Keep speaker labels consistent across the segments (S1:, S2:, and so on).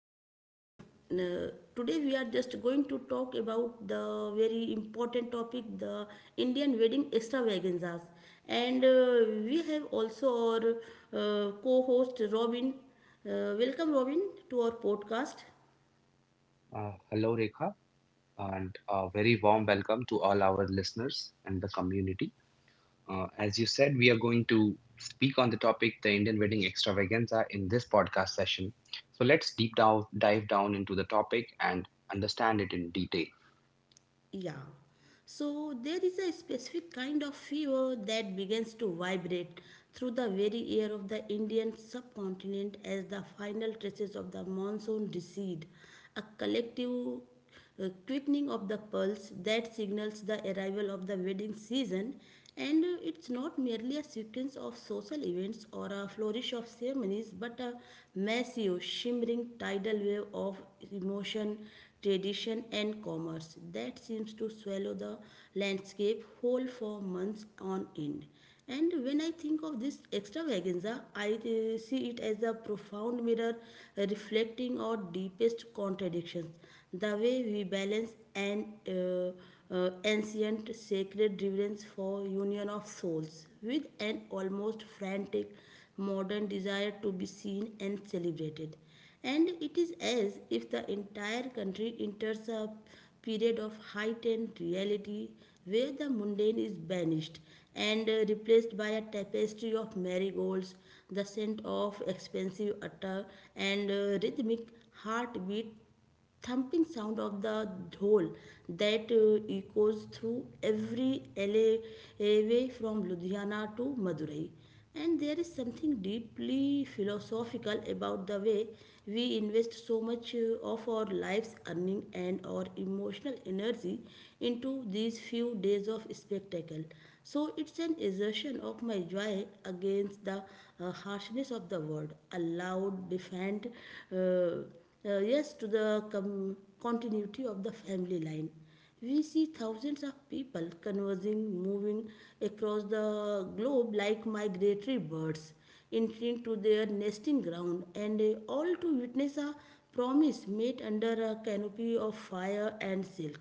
S1: and today we are just going to talk about the very important topic, the Indian wedding extravaganzas. And we have also our co-host Robin. Welcome, Robin, to our podcast.
S2: Hello, Rekha, and a very warm welcome to all our listeners and the community. As you said, we are going to speak on the topic the Indian wedding extravaganza in this podcast session. So let's dive down into the topic and understand it in detail.
S1: Yeah. So there is a specific kind of fever that begins to vibrate through the very air of the Indian subcontinent as the final traces of the monsoon recede, a collective quickening of the pulse that signals the arrival of the wedding season, and it's not merely a sequence of social events or a flourish of ceremonies, but a massive, shimmering tidal wave of emotion, tradition, and commerce that seems to swallow the landscape whole for months on end. And when I think of this extravaganza, I see it as a profound mirror reflecting our deepest contradictions. The way we balance an ancient sacred reverence for union of souls with an almost frantic modern desire to be seen and celebrated, and it is as if the entire country enters a period of heightened reality where the mundane is banished and replaced by a tapestry of marigolds, the scent of expensive attar, and rhythmic heartbeat thumping sound of the dhol that echoes through every alleyway from Ludhiana to Madurai. And there is something deeply philosophical about the way we invest so much of our lives, earning, and our emotional energy into these few days of spectacle. So it's an assertion of my joy against the harshness of the world, a loud, defiant. Uh, yes to the continuity of the family line. We see thousands of people conversing, moving across the globe like migratory birds entering to their nesting ground, and all to witness a promise made under a canopy of fire and silk.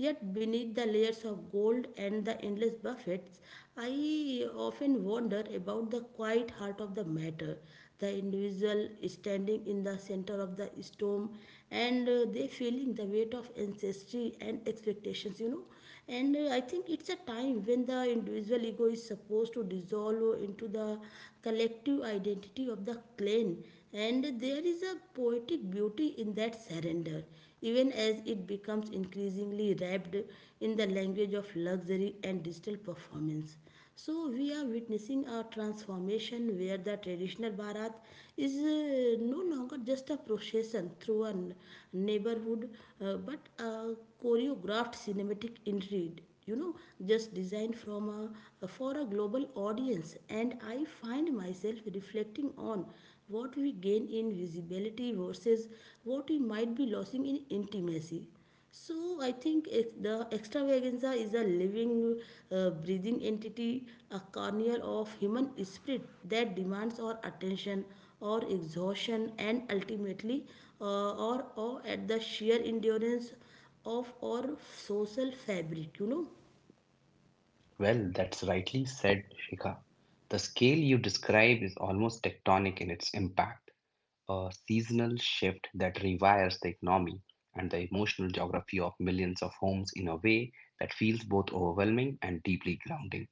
S1: Yet, beneath the layers of gold and the endless buffets, I often wonder about the quiet heart of the matter, the individual standing in the center of the storm, and they feeling the weight of ancestry and expectations, you know. And I think it's a time when the individual ego is supposed to dissolve into the collective identity of the clan, and there is a poetic beauty in that surrender, even as it becomes increasingly wrapped in the language of luxury and digital performance. So we are witnessing a transformation where the traditional Bharat is no longer just a procession through a neighborhood, but a choreographed cinematic intrigue, you know, just designed from a for a global audience. And I find myself reflecting on what we gain in visibility versus what we might be losing in intimacy. So I think the extravaganza is a living, breathing entity, a carnival of human spirit that demands our attention, our exhaustion, and ultimately, or at the sheer endurance of our social fabric. You know.
S2: Well, that's rightly said, Shikha. The scale you describe is almost tectonic in its impact. A seasonal shift that rewires the economy and the emotional geography of millions of homes in a way that feels both overwhelming and deeply grounding.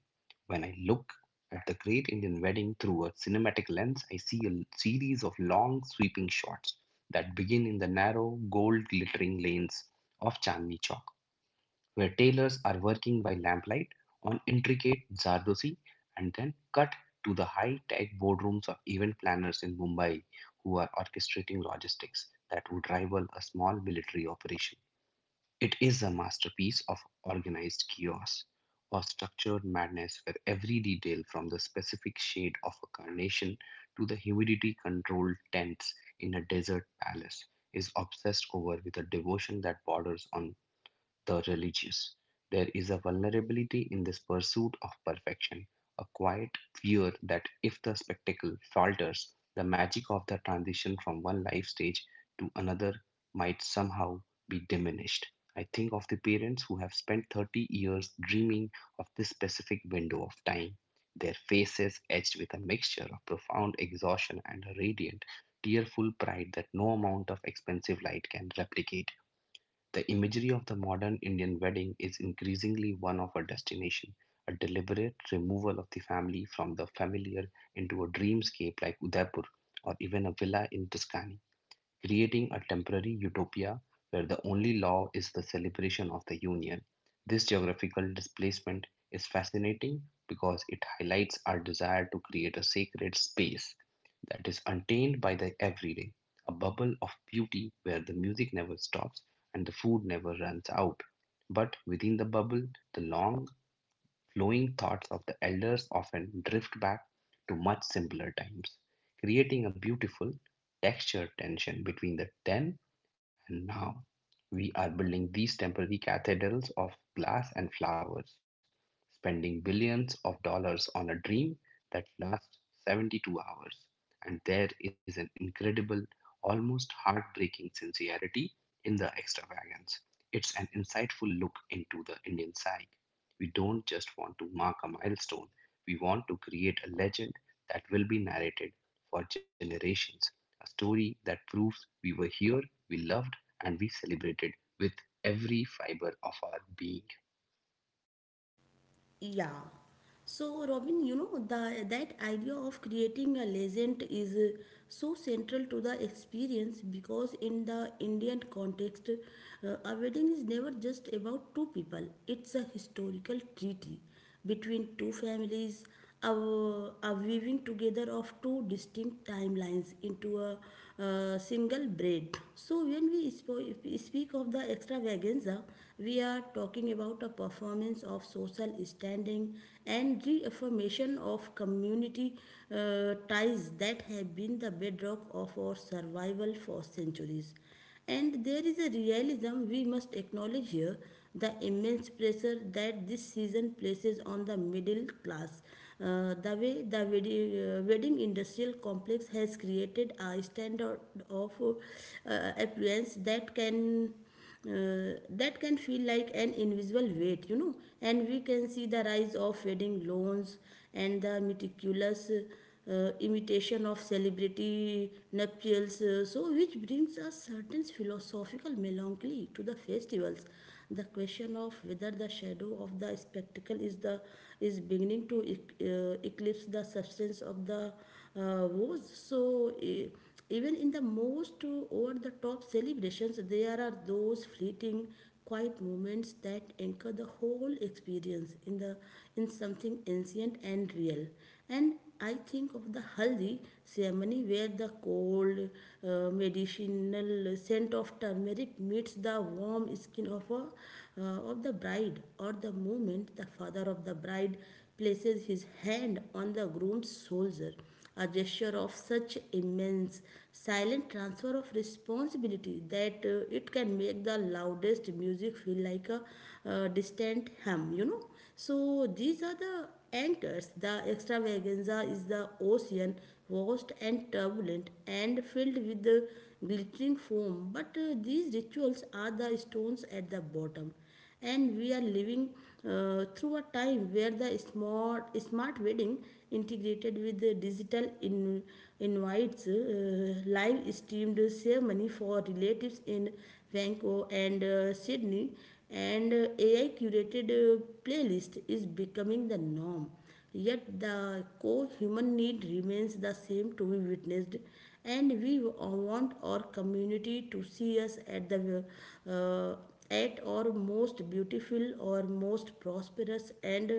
S2: When I look at the Great Indian Wedding through a cinematic lens, I see a series of long, sweeping shots that begin in the narrow, gold glittering lanes of Chandni Chowk, where tailors are working by lamplight on intricate zardosi, and then cut to the high tech boardrooms of event planners in Mumbai who are orchestrating logistics that would rival a small military operation. It is a masterpiece of organized chaos or structured madness, where every detail, from the specific shade of a carnation to the humidity controlled tents in a desert palace, is obsessed over with a devotion that borders on the religious. There is a vulnerability in this pursuit of perfection, a quiet fear that if the spectacle falters, the magic of the transition from one life stage to another might somehow be diminished. I think of the parents who have spent 30 years dreaming of this specific window of time, their faces etched with a mixture of profound exhaustion and a radiant, tearful pride that no amount of expensive light can replicate. The imagery of the modern Indian wedding is increasingly one of a destination, a deliberate removal of the family from the familiar into a dreamscape like Udaipur, or even a villa in Tuscany, creating a temporary utopia where the only law is the celebration of the union. This geographical displacement is fascinating because it highlights our desire to create a sacred space that is untainted by the everyday, a bubble of beauty where the music never stops and the food never runs out. But within the bubble, the long flowing thoughts of the elders often drift back to much simpler times, creating a beautiful, textured tension between the then and now. We are building these temporary cathedrals of glass and flowers, spending billions of dollars on a dream that lasts 72 hours. And there is an incredible, almost heartbreaking sincerity in the extravagance. It's an insightful look into the Indian psyche. We don't just want to mark a milestone, we want to create a legend that will be narrated for generations, a story that proves we were here, we loved, and we celebrated with every fiber of our being.
S1: Yeah. So, Robin, you know, that idea of creating a legend is so central to the experience because, in the Indian context, a wedding is never just about two people. It's a historical treaty between two families, a weaving together of two distinct timelines into a single braid. So, when we speak of the extravaganza, we are talking about a performance of social standing and reaffirmation of community ties that have been the bedrock of our survival for centuries. And there is a realism we must acknowledge here, the immense pressure that this season places on the middle class. The way the wedding industrial complex has created a standard of affluence that can feel like an invisible weight, you know. And we can see the rise of wedding loans and the meticulous imitation of celebrity nuptials, so which brings a certain philosophical melancholy to the festivals. The question of whether the shadow of the spectacle is beginning to eclipse the substance of the woes. So. Even in the most over the top celebrations, there are those fleeting, quiet moments that anchor the whole experience in something ancient and real. And I think of the haldi ceremony where the cold medicinal scent of turmeric meets the warm skin of, of the bride, or the moment the father of the bride places his hand on the groom's shoulder, a gesture of such immense silent transfer of responsibility that it can make the loudest music feel like a distant hum, you know. So these are the anchors. The extravaganza is the ocean, vast and turbulent and filled with the glittering foam, but these rituals are the stones at the bottom. And we are living through a time where the smart wedding integrated with the digital invites, live streamed ceremony for relatives in Vancouver and Sydney and AI curated playlist is becoming the norm. Yet the core human need remains the same, to be witnessed, and we want our community to see us uh, at our most beautiful, or most prosperous, and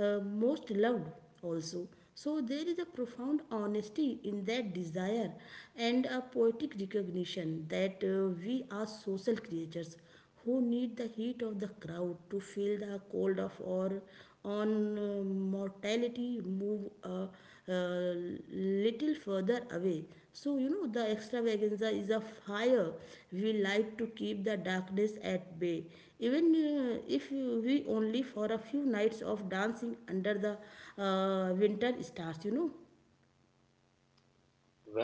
S1: uh, most loved also. So there is a profound honesty in that desire and a poetic recognition that we are social creatures who need the heat of the crowd to feel the cold of or on uh, mortality, move uh, little further away. So you know, the extravaganza is a fire we light to keep the darkness at bay, even if we only for a few nights of dancing under the winter stars, you know.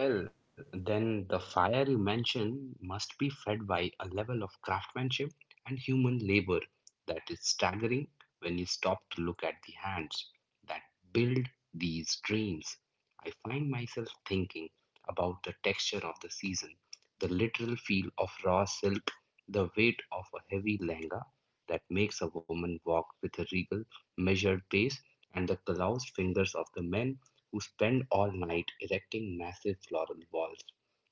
S2: Well, then the fire you mention must be fed by a level of craftsmanship and human labor that is staggering when you stop to look at the hands that build these dreams. I find myself thinking about the texture of the season, the literal feel of raw silk, the weight of a heavy lehenga that makes a woman walk with a regal, measured pace, and the calloused fingers of the men who spend all night erecting massive floral walls.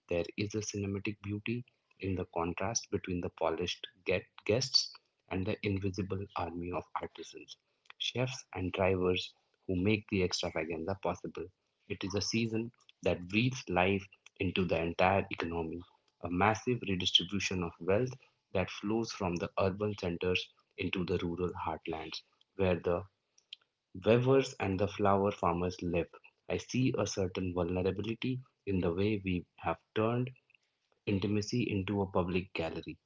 S2: There is a cinematic beauty in the contrast between the polished guests and the invisible army of artisans, chefs, and drivers who make the extravaganza possible. It is a season that breathes life into the entire economy, a massive redistribution of wealth that flows from the urban centers into the rural heartlands, where the weavers and the flower farmers live. I see a certain vulnerability in the way we have turned intimacy into a public gallery,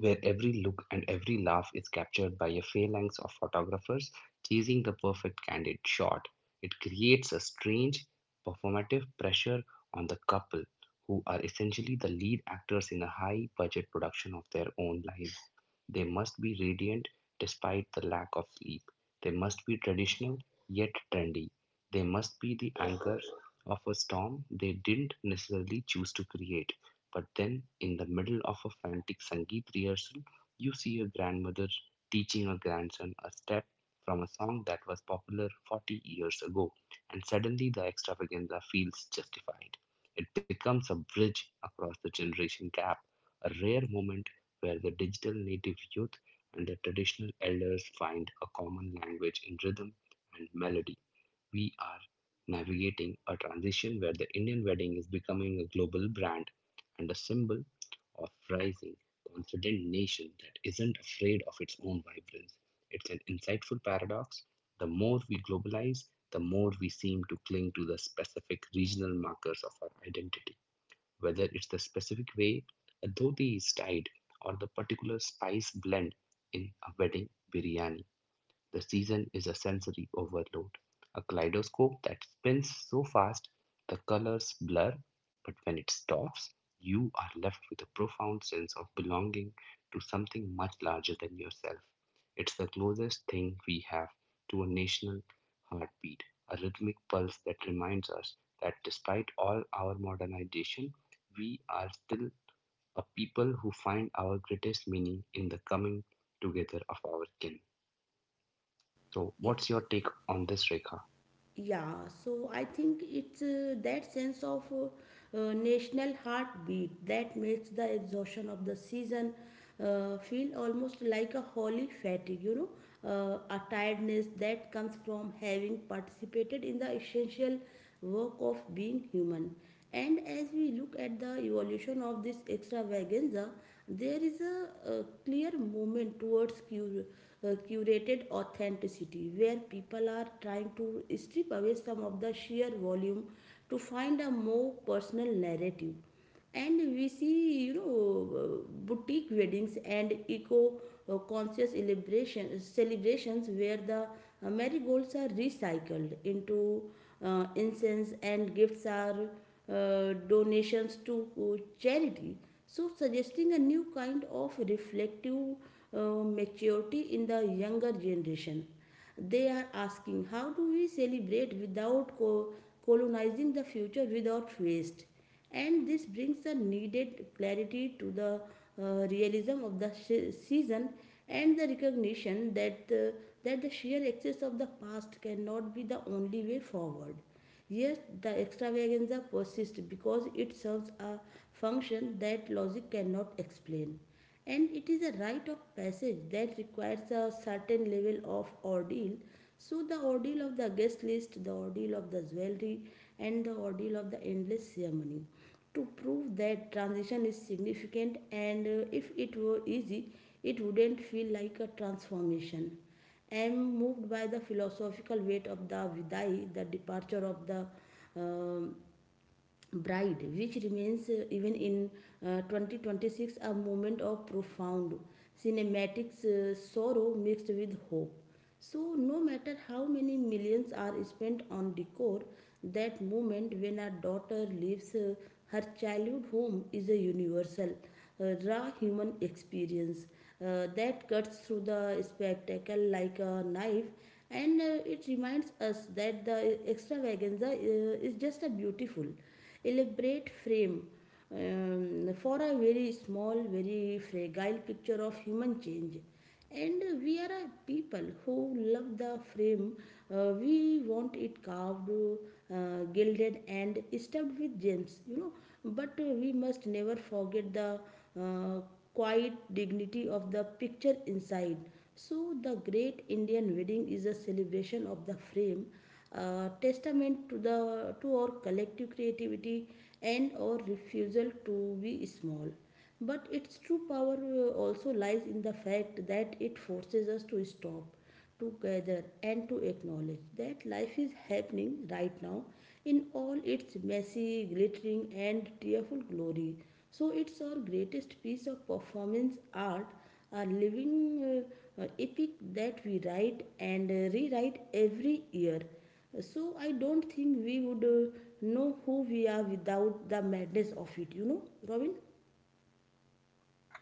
S2: where every look and every laugh is captured by a phalanx of photographers chasing the perfect candid shot. It creates a strange performative pressure on the couple, who are essentially the lead actors in a high budget production of their own lives. They must be radiant despite the lack of sleep. They must be traditional yet trendy. They must be the anchor of a storm they didn't necessarily choose to create. But then, in the middle of a frantic Sangeet rehearsal, you see a grandmother teaching a grandson a step from a song that was popular 40 years ago, and suddenly the extravaganza feels justified. It becomes a bridge across the generation gap, a rare moment where the digital native youth and the traditional elders find a common language in rhythm and melody. We are navigating a transition where the Indian wedding is becoming a global brand and a symbol of rising, confident nation that isn't afraid of its own vibrance. It's an insightful paradox. The more we globalize, the more we seem to cling to the specific regional markers of our identity, whether it's the specific way a dhoti is tied or the particular spice blend in a wedding biryani. The season is a sensory overload, a kaleidoscope that spins so fast the colors blur, but when it stops, you are left with a profound sense of belonging to something much larger than yourself. It's the closest thing we have to a national heartbeat, a rhythmic pulse that reminds us that, despite all our modernization, we are still a people who find our greatest meaning in the coming together of our kin. So,
S1: E-
S2: what's your take on this, Rekha?
S1: Yeah, so I think it's that sense of national heartbeat that makes the exhaustion of the season feel almost like a holy fatigue, you know, a tiredness that comes from having participated in the essential work of being human. And as we look at the evolution of this extravaganza, there is a clear movement towards curated authenticity, where people are trying to strip away some of the sheer volume to find a more personal narrative. And we see, you know, boutique weddings and eco celebrations where the marigolds are recycled into incense, and gifts are donations to charity, so suggesting a new kind of reflective maturity in the younger generation. They are asking, how do we celebrate without colonizing the future, without waste? And this brings the needed clarity to the realism of the season and the recognition that the sheer excess of the past cannot be the only way forward. Yes, the extravaganza persists because it serves a function that logic cannot explain, and it is a rite of passage that requires a certain level of ordeal. So, the ordeal of the guest list, the ordeal of the jewelry, and the ordeal of the endless ceremony to prove that transition is significant. And if it were easy, it wouldn't feel like a transformation. I am moved by the philosophical weight of the Vidai, the departure of the um, bride, which remains even in 2026 a moment of profound cinematic sorrow mixed with hope. So, no matter how many millions are spent on decor, that moment when a daughter leaves her childhood home is a universal, raw human experience that cuts through the spectacle like a knife. And it reminds us that the extravaganza is just a beautiful, elaborate frame, for a very small, very fragile picture of human change. And we are a people who love the frame. We want it carved, gilded, and stuffed with gems, you know. But we must never forget the uh, quiet dignity of the picture inside. So, the great Indian wedding is a celebration of the frame, testament to the to our collective creativity and our refusal to be small. But its true power also lies in the fact that it forces us to stop, to gather, and to acknowledge that life is happening right now in all its messy, glittering, and tearful glory. So it's our greatest piece of performance art, a living epic that we write and rewrite every year. So I don't think we would know who we are without the madness of it, you know, Robin?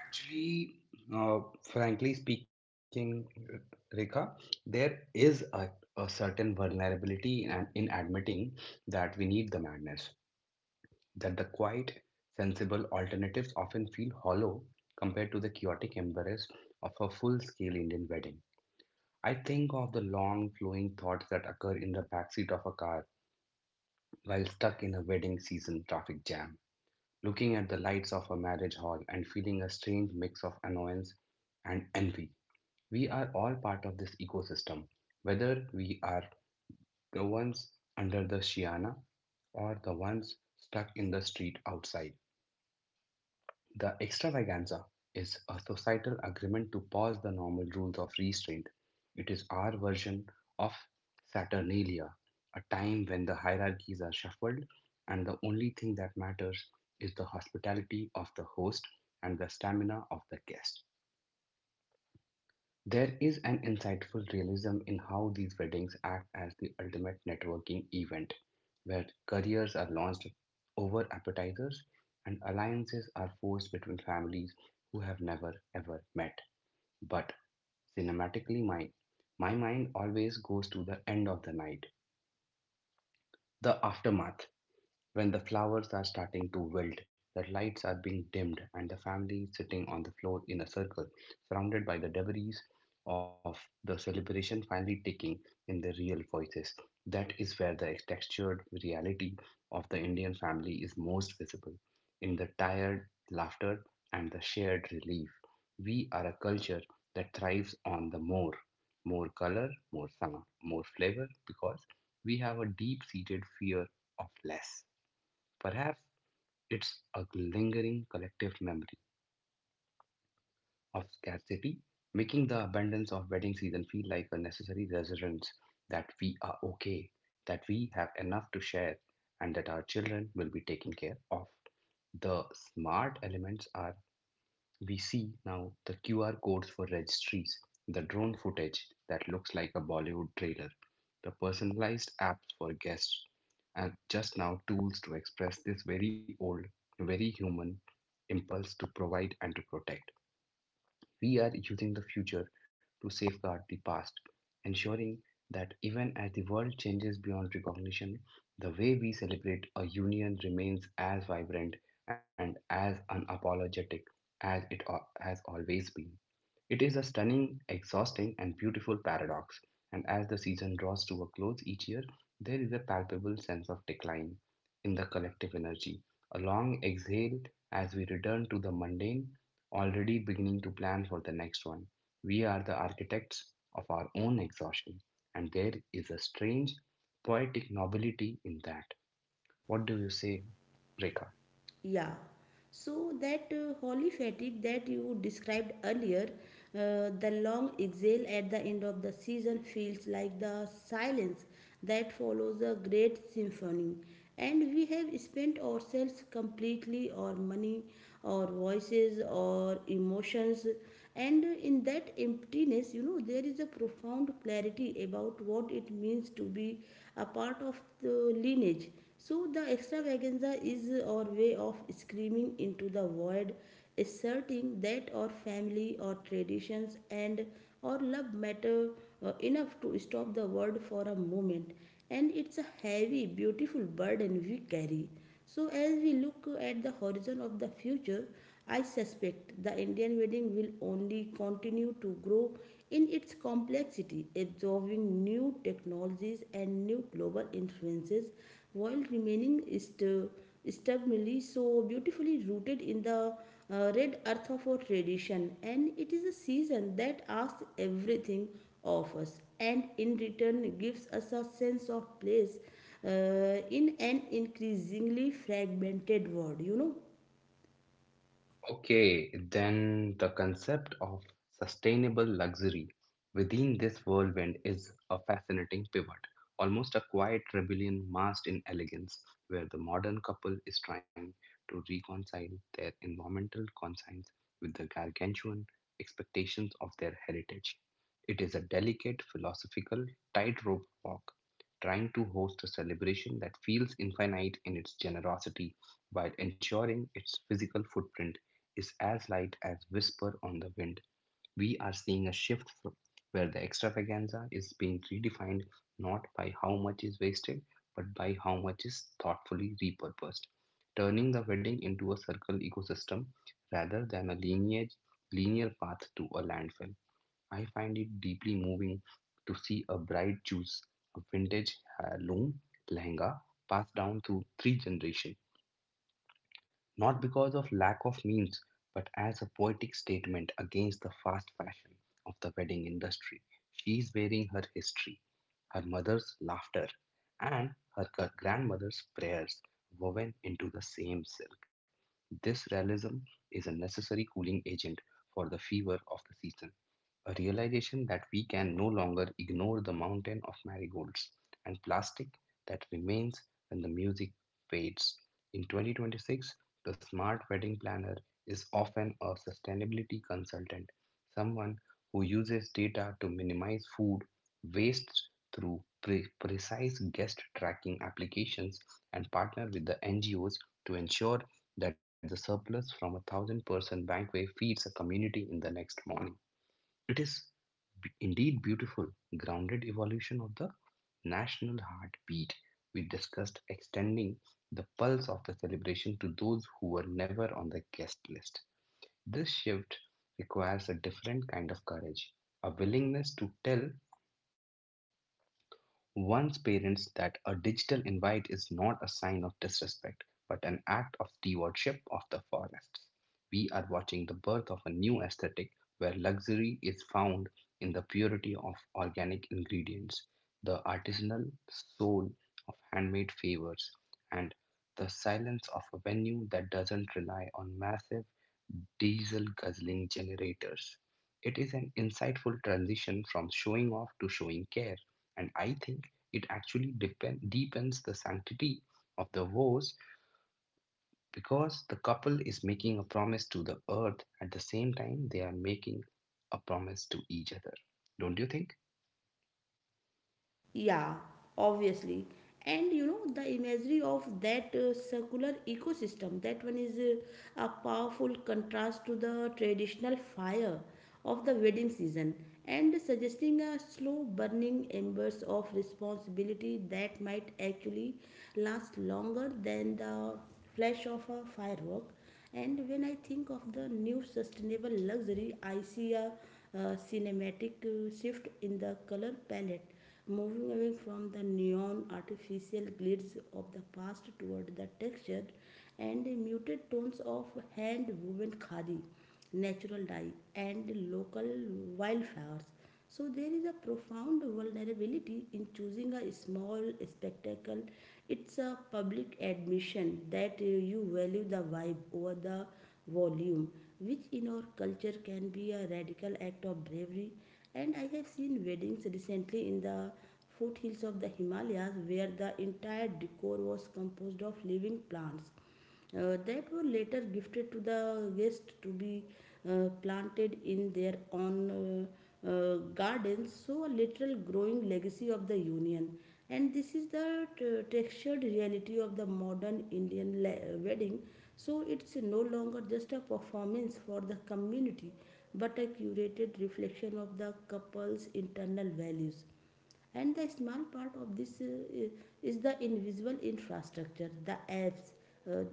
S2: Actually, frankly speaking, Rekha, there is a certain vulnerability and in admitting that we need the madness, that the quiet, sensible alternatives often feel hollow compared to the chaotic embrace of a full-scale Indian wedding. I think of the long flowing thoughts that occur in the backseat of a car while stuck in a wedding season traffic jam, looking at the lights of a marriage hall and feeling a strange mix of annoyance and envy. We are all part of this ecosystem, whether we are the ones under the Shiana or the ones stuck in the street outside. The extravaganza is a societal agreement to pause the normal rules of restraint. It is our version of Saturnalia, a time when the hierarchies are shuffled and the only thing that matters is the hospitality of the host and the stamina of the guest. There is an insightful realism in how these weddings act as the ultimate networking event, where careers are launched over appetizers and alliances are forged between families who have never ever met. But cinematically, my mind always goes to the end of the night, the aftermath, when the flowers are starting to wilt, the lights are being dimmed, and the family is sitting on the floor in a circle, surrounded by the debris of the celebration, finally taking in their real voices. That is where the textured reality of the Indian family is most visible, in the tired laughter and the shared relief. We are a culture that thrives on the more color, more sound, more flavor, because we have a deep seated fear of less. Perhaps it's a lingering collective memory of scarcity, making the abundance of wedding season feel like a necessary reassurance that we are okay, that we have enough to share, and that our children will be taken care of. The smart elements are, we see now, the QR codes for registries, the drone footage that looks like a Bollywood trailer, the personalized apps for guests, and just now tools to express this very old, very human impulse to provide and to protect. We are using the future to safeguard the past, ensuring that even as the world changes beyond recognition, the way we celebrate a union remains as vibrant and as unapologetic as it has always been. It is a stunning, exhausting, and beautiful paradox. And as the season draws to a close each year, there is a palpable sense of decline in the collective energy. A long exhale as we return to the mundane, already beginning to plan for the next one. We are the architects of our own exhaustion, and there is a strange, poetic nobility in that. What do you say, Rekha?
S1: Yeah. So that holy fatigue that you described earlier, the long exhale at the end of the season feels like the silence that follows a great symphony. And we have spent ourselves completely, our money, our voices, our emotions. And in that emptiness, there is a profound clarity about what it means to be a part of the lineage. So the extravaganza is our way of screaming into the void, asserting that our family, our traditions, and our love matter enough to stop the world for a moment. And it's a heavy, beautiful burden we carry. So, as we look at the horizon of the future, I suspect the Indian wedding will only continue to grow in its complexity, absorbing new technologies and new global influences while remaining stubbornly, so beautifully rooted in the red earth of our tradition. And it is a season that asks everything of us and in return gives us a sense of place in an increasingly fragmented world.
S2: Okay, then the concept of sustainable luxury within this whirlwind is a fascinating pivot, almost a quiet rebellion masked in elegance, where the modern couple is trying to reconcile their environmental conscience with the gargantuan expectations of their heritage. It is a delicate philosophical tightrope walk, trying to host a celebration that feels infinite in its generosity while ensuring its physical footprint is as light as whisper on the wind. We are seeing a shift where the extravaganza is being redefined not by how much is wasted, but by how much is thoughtfully repurposed, turning the wedding into a circular ecosystem rather than a linear path to a landfill. I find it deeply moving to see a bride choose a vintage heirloom lehenga passed down through three generations, not because of lack of means, but as a poetic statement against the fast fashion of the wedding industry. She is wearing her history, her mother's laughter, and her grandmother's prayers woven into the same silk. This realism is a necessary cooling agent for the fever of the season, a realization that we can no longer ignore the mountain of marigolds and plastic that remains when the music fades. In 2026, the smart wedding planner is often a sustainability consultant, someone who uses data to minimize food waste through precise guest tracking applications and partner with the NGOs to ensure that the surplus from a 1,000 person banquet feeds a community in the next morning. It is indeed beautiful, grounded evolution of the national heartbeat. We discussed extending the pulse of the celebration to those who were never on the guest list. This shift requires a different kind of courage, a willingness to tell one's parents that a digital invite is not a sign of disrespect, but an act of stewardship of the forest. We are watching the birth of a new aesthetic where luxury is found in the purity of organic ingredients, the artisanal soul of handmade favors, and the silence of a venue that doesn't rely on massive diesel guzzling generators. It is an insightful transition from showing off to showing care. And I think it actually deepens the sanctity of the vows because the couple is making a promise to the earth at the same time they are making a promise to each other. Don't you think?
S1: Yeah, obviously. And the imagery of that circular ecosystem, that one is a powerful contrast to the traditional fire of the wedding season, and suggesting a slow burning embers of responsibility that might actually last longer than the flash of a firework. And when I think of the new sustainable luxury, I see a cinematic shift in the color palette, moving away from the neon artificial glitters of the past toward the textured and muted tones of hand woven khadi, natural dye, and local wildflowers. So there is a profound vulnerability in choosing a small spectacle. It's a public admission that you value the vibe over the volume, which in our culture can be a radical act of bravery. And I have seen weddings recently in the foothills of the Himalayas where the entire decor was composed of living plants that were later gifted to the guests to be planted in their own gardens, so a literal growing legacy of the Union. And this is the textured reality of the modern Indian wedding. So it's no longer just a performance for the community, but a curated reflection of the couple's internal values, and the small part of this is the invisible infrastructure, the apps uh,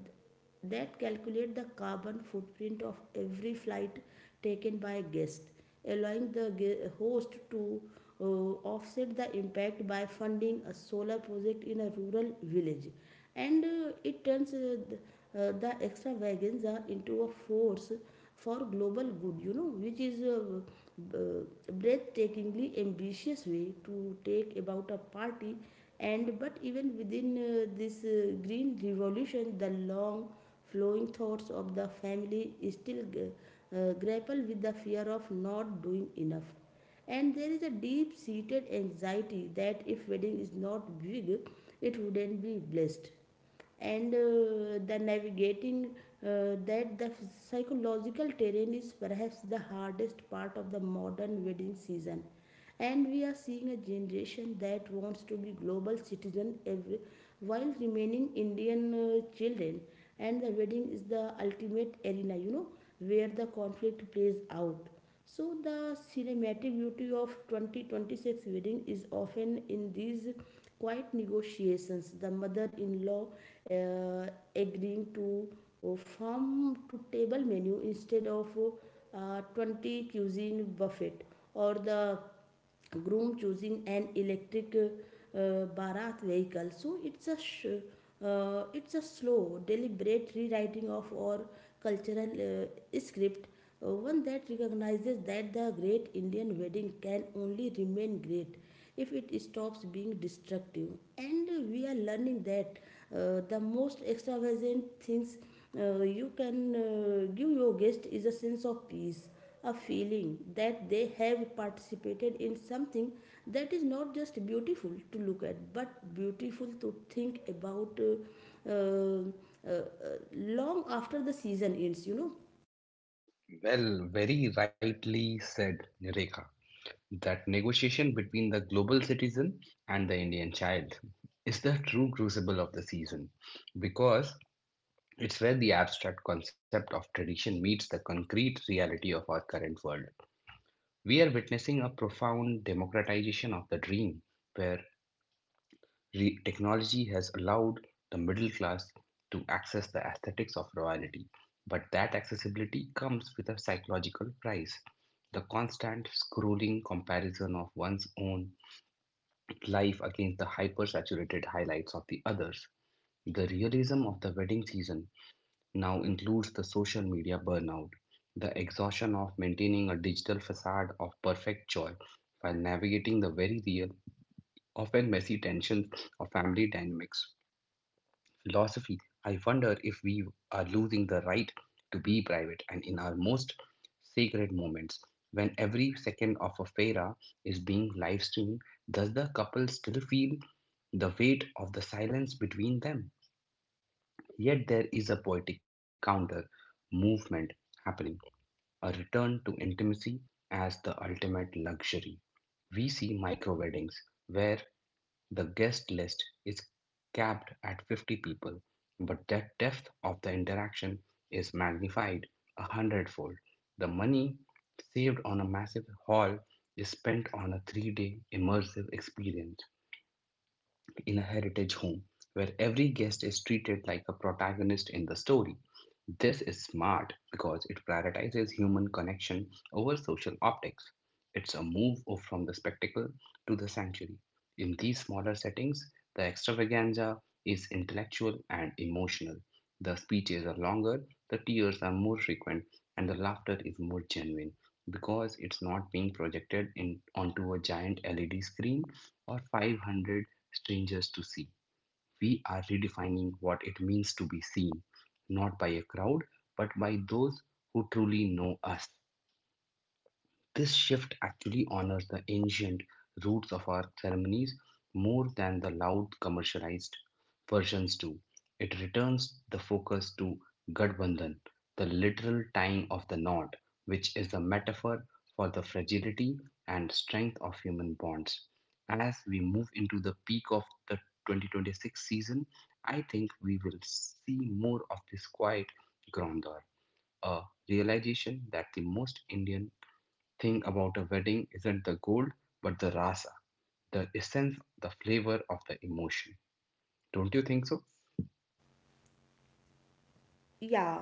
S1: that calculate the carbon footprint of every flight taken by a guest, allowing the host to offset the impact by funding a solar project in a rural village. And it turns the extravaganza into a force for global good, which is uh, breathtakingly ambitious way to take about a party. And But even within this green revolution, the long flowing thoughts of the family still grapple with the fear of not doing enough. And there is a deep seated anxiety that if wedding is not big, it wouldn't be blessed. And the navigating that the psychological terrain is perhaps the hardest part of the modern wedding season. And we are seeing a generation that wants to be global citizen every, while remaining indian children, and the wedding is the ultimate arena, where the conflict plays out. So the cinematic beauty of 2026 wedding is often in these quiet negotiations. The mother-in-law uh, agreeing to farm to table menu instead of 20 cuisine buffet, or the groom choosing an electric uh, vehicle. So it's a it's a slow deliberate rewriting of our cultural script, one that recognizes that the great indian wedding can only remain great if it stops being destructive. And we are learning that the most extravagant things you can give your guest is a sense of peace, a feeling that they have participated in something that is not just beautiful to look at but beautiful to think about long after the season ends.
S2: Well, very rightly said, Nireka. That negotiation between the global citizen and the Indian child is the true crucible of the season, because it's where the abstract concept of tradition meets the concrete reality of our current world. We are witnessing a profound democratization of the dream, where technology has allowed the middle class to access the aesthetics of royalty. But that accessibility comes with a psychological price. The constant scrolling comparison of one's own life against the hyper saturated highlights of the others. The realism of the wedding season now includes the social media burnout, the exhaustion of maintaining a digital facade of perfect joy while navigating the very real, often messy tensions of family dynamics. Philosophy, I wonder if we are losing the right to be private and in our most sacred moments. When every second of a fera is being live streamed, does the couple still feel the weight of the silence between them? Yet there is a poetic counter movement happening, a return to intimacy as the ultimate luxury. We see micro weddings where the guest list is capped at 50 people, but the depth of the interaction is magnified a hundredfold. The money saved on a massive hall is spent on a 3-day immersive experience lived in a heritage home where every guest is treated like a protagonist in the story. This is smart because it prioritizes human connection over social optics. It's a move from the spectacle to the sanctuary. In these smaller settings, the extravaganza is intellectual and emotional. The speeches are longer, the tears are more frequent, and the laughter is more genuine because it's not being projected onto a giant LED screen or 500 strangers to see. We are redefining what it means to be seen, not by a crowd, but by those who truly know us. This shift actually honors the ancient roots of our ceremonies more than the loud commercialized versions do. It returns the focus to Gadbandhan, the literal tying of the knot, which is a metaphor for the fragility and strength of human bonds. As we move into the peak of the 2026 season, I think we will see more of this quiet grandeur, a realization that the most Indian thing about a wedding isn't the gold, but the rasa, the essence, the flavor of the emotion. Don't you think so?
S1: Yeah,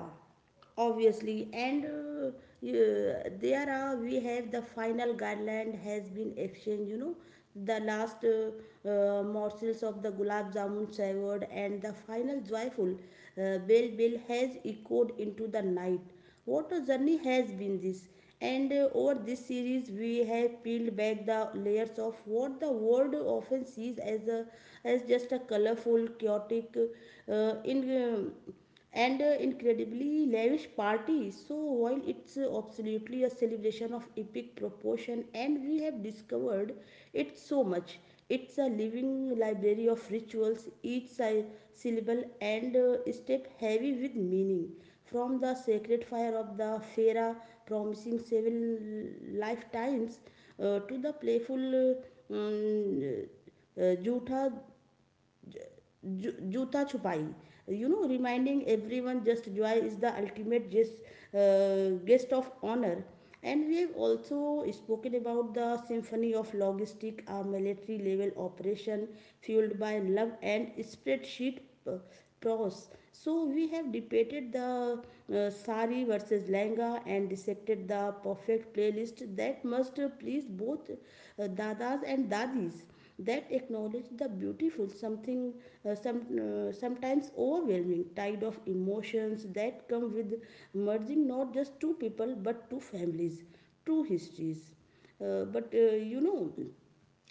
S1: obviously. And yeah, there are we have the final guideline has been exchanged. The last morsels of the gulab jamun savored, and the final joyful bell has echoed into the night. What a journey has been this. And over this series we have peeled back the layers of what the world often sees as a as just a colorful chaotic in and incredibly lavish parties. So while it's absolutely a celebration of epic proportion, and we have discovered it so much. It's a living library of rituals, each syllable and step heavy with meaning. From the sacred fire of the Fera, promising seven lifetimes, to the playful mm, Jutha Juta Chupai. Reminding everyone just joy is the ultimate guest, guest of honor. And we have also spoken about the symphony of logistic, a military level operation fueled by love and spreadsheet p- prose. So we have debated the sari versus langa, and dissected the perfect playlist that must please both dadas and dadis, that acknowledge the beautiful something sometimes overwhelming tide of emotions that come with merging not just two people but two families, two histories. But you know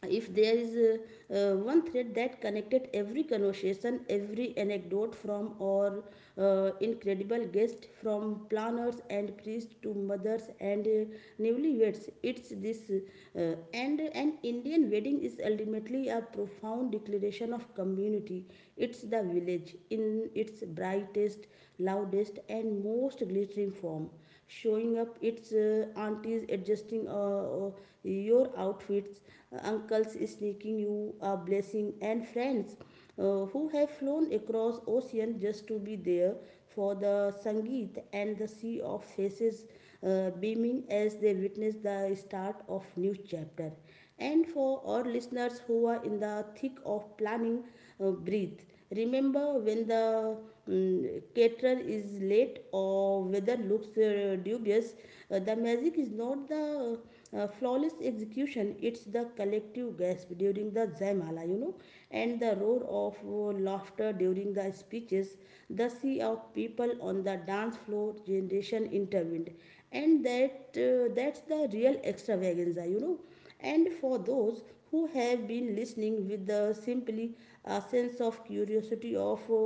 S1: If there is one thread that connected every conversation, every anecdote from our incredible guest, from planners and priests to mothers and newlyweds, it's this. And An Indian wedding is ultimately a profound declaration of community. It's the village in its brightest, loudest, and most glittering form. Showing up, its aunties adjusting your outfits, uncles sneaking you a blessing, and friends who have flown across ocean just to be there for the sangeet, and the sea of faces beaming as they witness the start of new chapter. And for our listeners who are in the thick of planning, breathe. Remember when the caterer is late or weather looks dubious, the magic is not the flawless execution, it's the collective gasp during the zaimala, and the roar of laughter during the speeches, the sea of people on the dance floor generation intervened. And that that's the real extravaganza. And for those who have been listening with the simply a sense of curiosity of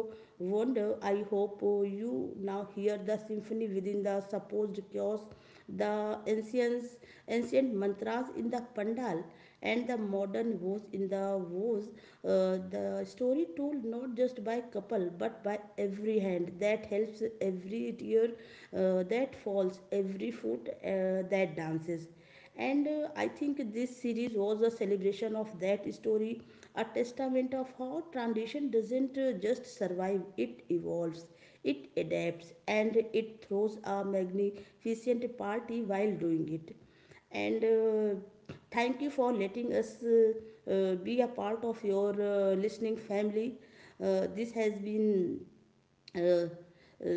S1: wonder, I hope you now hear the symphony within the supposed chaos, the ancients ancient mantras in the pandal, and the modern woes in the woes, the story told not just by couple but by every hand that helps, every tear that falls, every foot that dances. And I think this series was a celebration of that story, a testament of how tradition doesn't just survive, it evolves, it adapts, and it throws a magnificent party while doing it. And thank you for letting us be a part of your listening family. This has been uh, uh,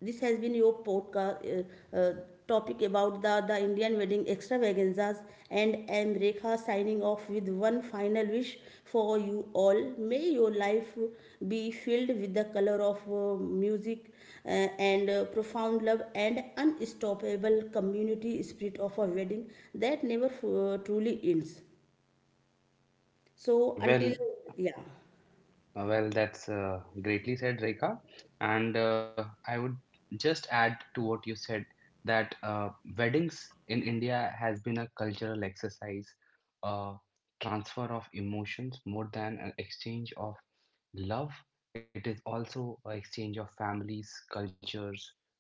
S1: this has been your podcast uh, uh, topic about the Indian wedding extravaganzas. And I'm Rekha signing off with one final wish for you all. May your life be filled with the color of music, uh, and profound love, and unstoppable community spirit of a wedding that never truly ends. So until.
S2: Well,
S1: Yeah.
S2: Well, that's greatly said, Rekha. And I would just add to what you said that weddings in India has been a cultural exercise, a transfer of emotions more than an exchange of love. It is also an exchange of families, cultures,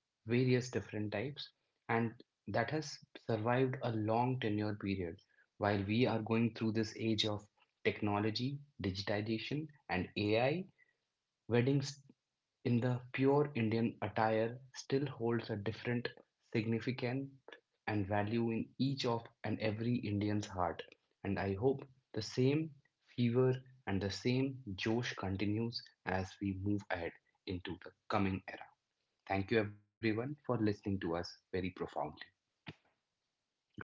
S2: various different types, and that has survived a long tenure period. While we are going through this age of technology, digitization, and AI, weddings in the pure Indian attire still holds a different significance and value in each of and every Indian's heart. And I hope the same fever and the same josh continues as we move ahead into the coming era. Thank you, everyone, for listening to us very profoundly. Good day.